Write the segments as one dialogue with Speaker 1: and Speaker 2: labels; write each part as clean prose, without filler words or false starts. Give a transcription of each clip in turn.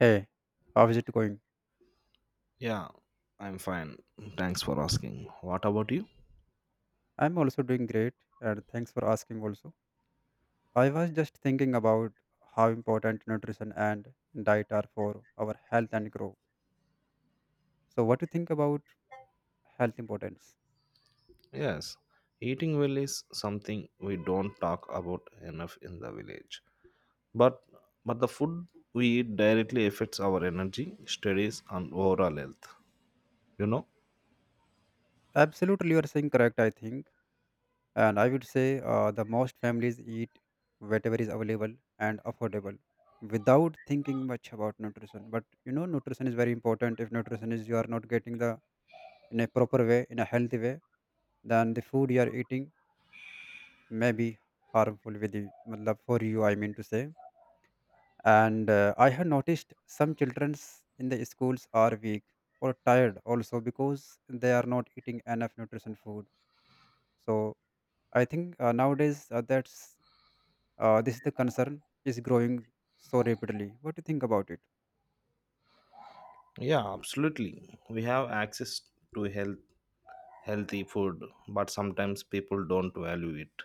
Speaker 1: Hey, how is it going?
Speaker 2: Yeah, I'm fine. Thanks for asking. What about you?
Speaker 1: I'm also doing great, and thanks for asking also. I was just thinking about how important nutrition and diet are for our health and growth. So, what do you think about health importance?
Speaker 2: Yes, eating well is something we don't talk about enough in the village. But but the food we eat directly affects our energy, studies, and overall health. You know?
Speaker 1: Absolutely, you are saying correct, I think. And I would say the most families eat whatever is available and affordable without thinking much about nutrition. But nutrition is very important. If nutrition is you are not getting the in a proper way, in a healthy way, than the food you are eating maybe harmful with you, matlab for you, I mean to say. And I have noticed some children in the schools are weak or tired also because they are not eating enough nutrition food. So I think nowadays that's this is the concern is growing so rapidly. What do you think about it?
Speaker 2: Yeah, absolutely. We have access to healthy food, but sometimes people don't value it.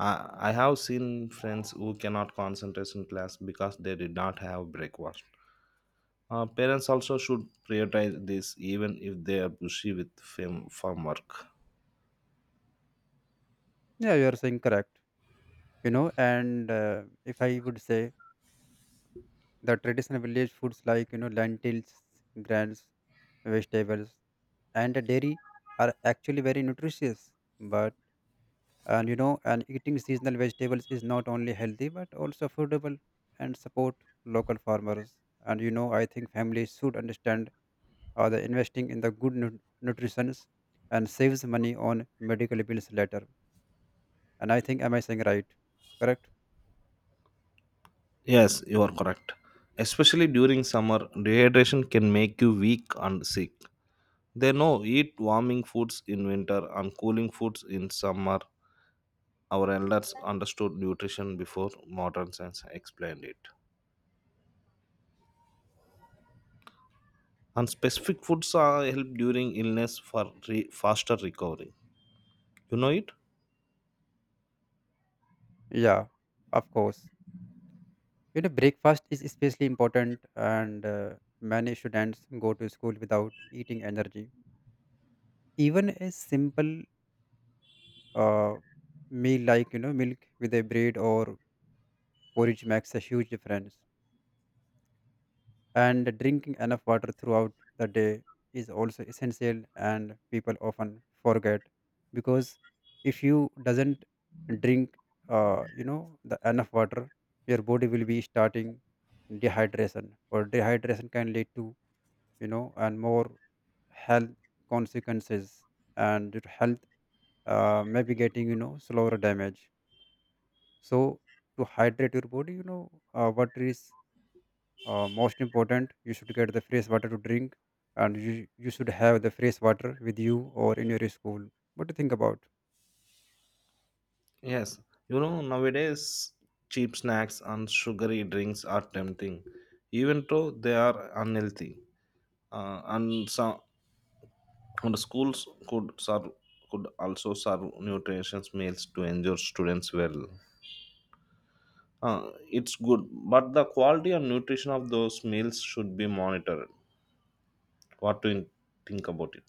Speaker 2: I have seen friends who cannot concentrate in class because they did not have breakfast. Parents also should prioritize this even if they are busy with farm work.
Speaker 1: Yeah, you are saying correct. You know, and if I would say the traditional village foods like lentils, grains, vegetables and the dairy are actually very nutritious but and eating seasonal vegetables is not only healthy but also affordable and support local farmers, and I think families should understand the investing in the good nutrition and saves money on medical bills later. And I think am I saying right correct?
Speaker 2: Yes, you are correct. Especially during summer, dehydration can make you weak and sick. They know eat warming foods in winter and cooling foods in summer. Our elders understood nutrition before modern science explained it. And specific foods are help during illness for faster recovery. You know it?
Speaker 1: Yeah, of course. You know, breakfast is especially important and many students go to school without eating energy, even a simple uh, meal like milk with a bread or porridge makes a huge difference, and drinking enough water throughout the day is also essential and people often forget because if you doesn't drink the enough water, your body will be starting dehydration, or dehydration can lead to you know and more health consequences and your health may be getting slower damage. So to hydrate your body, water is most important. You should get the fresh water to drink, and you should have the fresh water with you or in your school. What do you think about?
Speaker 2: Yes, you know, nowadays cheap snacks and sugary drinks are tempting, even though they are unhealthy. Uh, and some and the schools could also serve nutritious meals to ensure students well. It's good, but the quality and nutrition of those meals should be monitored. What do you think about it?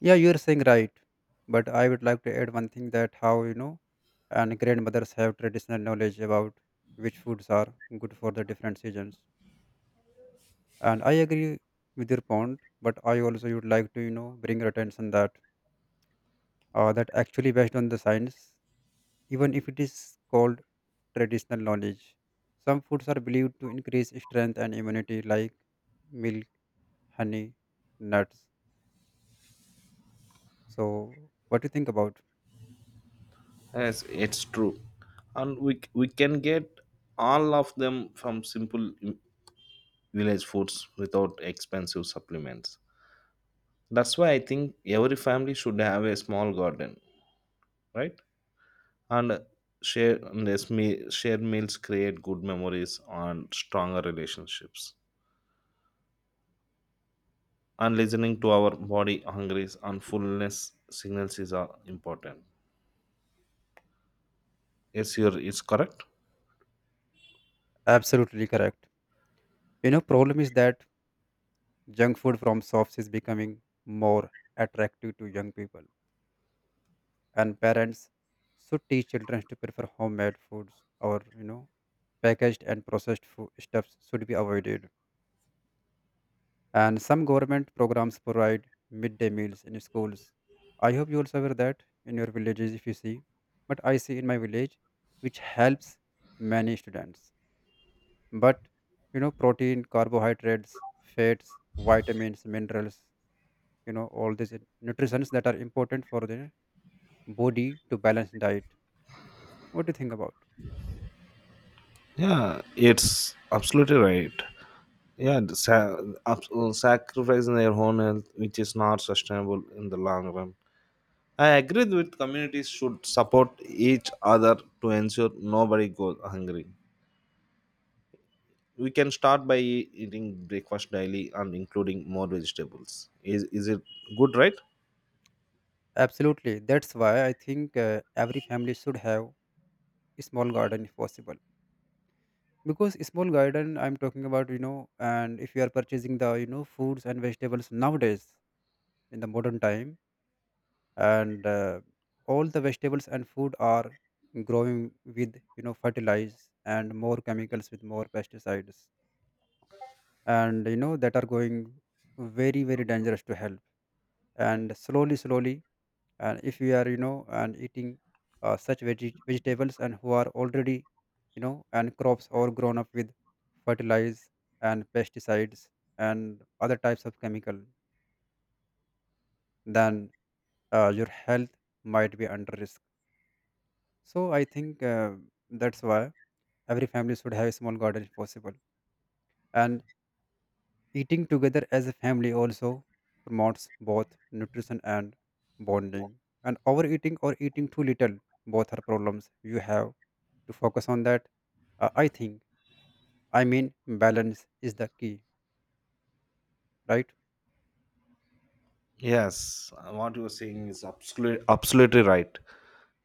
Speaker 1: Yeah, you are saying right, but I would like to add one thing that how and grandmothers have traditional knowledge about which foods are good for the different seasons. And I agree with your point, but I also would like to bring your attention that that actually based on the science, even if it is called traditional knowledge. Some foods are believed to increase strength and immunity, like milk, honey, nuts. So, what do you think about?
Speaker 2: Yes, it's true, and we can get all of them from simple village foods without expensive supplements. That's why I think every family should have a small garden, right? And shared meals create good memories and stronger relationships. And listening to our body hungry and fullness signals is important. It's correct.
Speaker 1: Absolutely correct. You know, problem is that junk food from shops is becoming more attractive to young people, and parents should teach children to prefer homemade foods, or packaged and processed food stuffs should be avoided. And some government programs provide midday meals in schools. I hope you also aware that in your villages if you see. But I see in my village, which helps many students. But you know, protein, carbohydrates, fats, vitamins, minerals, you know, all these nutrients that are important for the body to balance diet. What do you think about?
Speaker 2: Yeah, it's absolutely right. Yeah, the sa- Sacrificing their own health, which is not sustainable in the long run. I agree with communities should support each other to ensure nobody goes hungry. We can start by eating breakfast daily and including more vegetables. Is it good, right?
Speaker 1: Absolutely. That's why I think every family should have a small garden if possible. Because small garden I'm talking about, you know and if you are purchasing the foods and vegetables nowadays in the modern time, and all the vegetables and food are growing with fertilize and more chemicals with more pesticides, and that are going very very dangerous to health, and slowly slowly, and if we are you know and eating such vegetables and who are already you know and crops are grown up with fertilizers and pesticides and other types of chemical, then your health might be under risk. So I think that's why every family should have a small garden if possible. And eating together as a family also promotes both nutrition and bonding. And overeating or eating too little, both are problems. You have to focus on that. I think, I mean, balance is the key, right?
Speaker 2: Yes, what you are saying is absolutely right.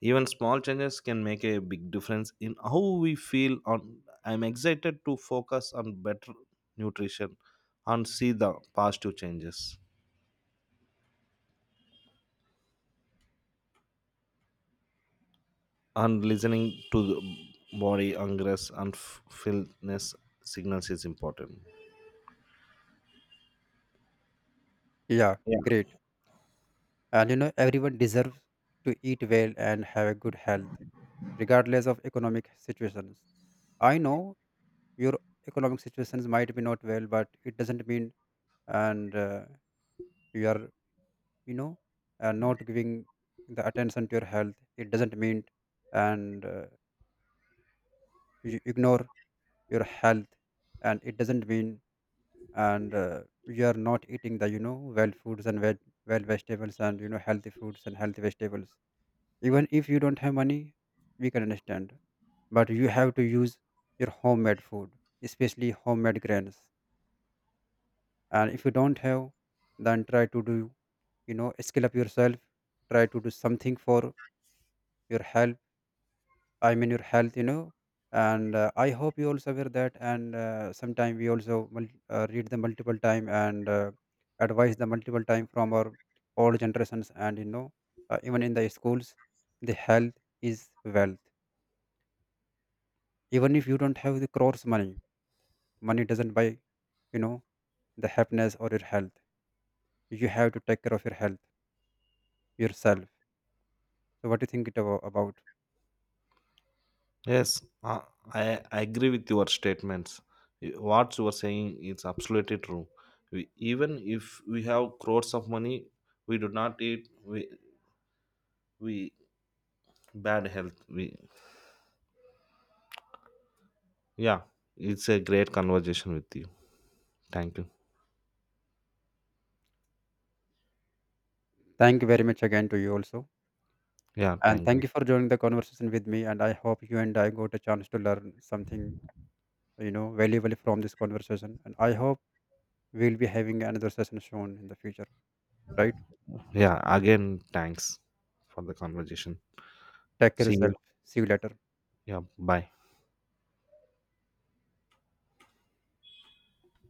Speaker 2: Even small changes can make a big difference in how we feel. On, I'm excited to focus on better nutrition and see the positive changes. And listening to the body ingress and fulfillness signals is important.
Speaker 1: Yeah,
Speaker 2: Yeah.
Speaker 1: great. And you know, everyone deserves to eat well and have a good health, regardless of economic situations. I know your economic situations might be not well, but it doesn't mean and you are you know not giving the attention to your health, it doesn't mean and you ignore your health, and it doesn't mean and you are not eating the well foods and well vegetables and healthy foods and healthy vegetables. Even if you don't have money, we can understand, but you have to use your homemade food, especially homemade grains. And if you don't have, then try to do skill up yourself, try to do something for your health, I mean your health, you know. And I hope you also aware that. And sometime we also read the multiple time and advise the multiple time from our old generations. And you know, even in the schools, the health is wealth. Even if you don't have the crores money, money doesn't buy, you know, the happiness or your health. You have to take care of your health yourself. So what do you think it about?
Speaker 2: Yes, i I agree with your statements. What you are saying is absolutely true. We, even if we have crores of money, we do not eat we bad health we Yeah, it's a great conversation with you. Thank you.
Speaker 1: Thank you very much again to you also.
Speaker 2: Yeah,
Speaker 1: And
Speaker 2: thank
Speaker 1: thank
Speaker 2: you.
Speaker 1: you for joining the conversation with me. And I hope you and I got a chance to learn something, you know, valuable from this conversation. And I hope we'll be having another session soon in the future. Right?
Speaker 2: Yeah, again thanks for the conversation.
Speaker 1: Take care
Speaker 2: See you.
Speaker 1: yourself. See you later.
Speaker 2: Yeah, bye.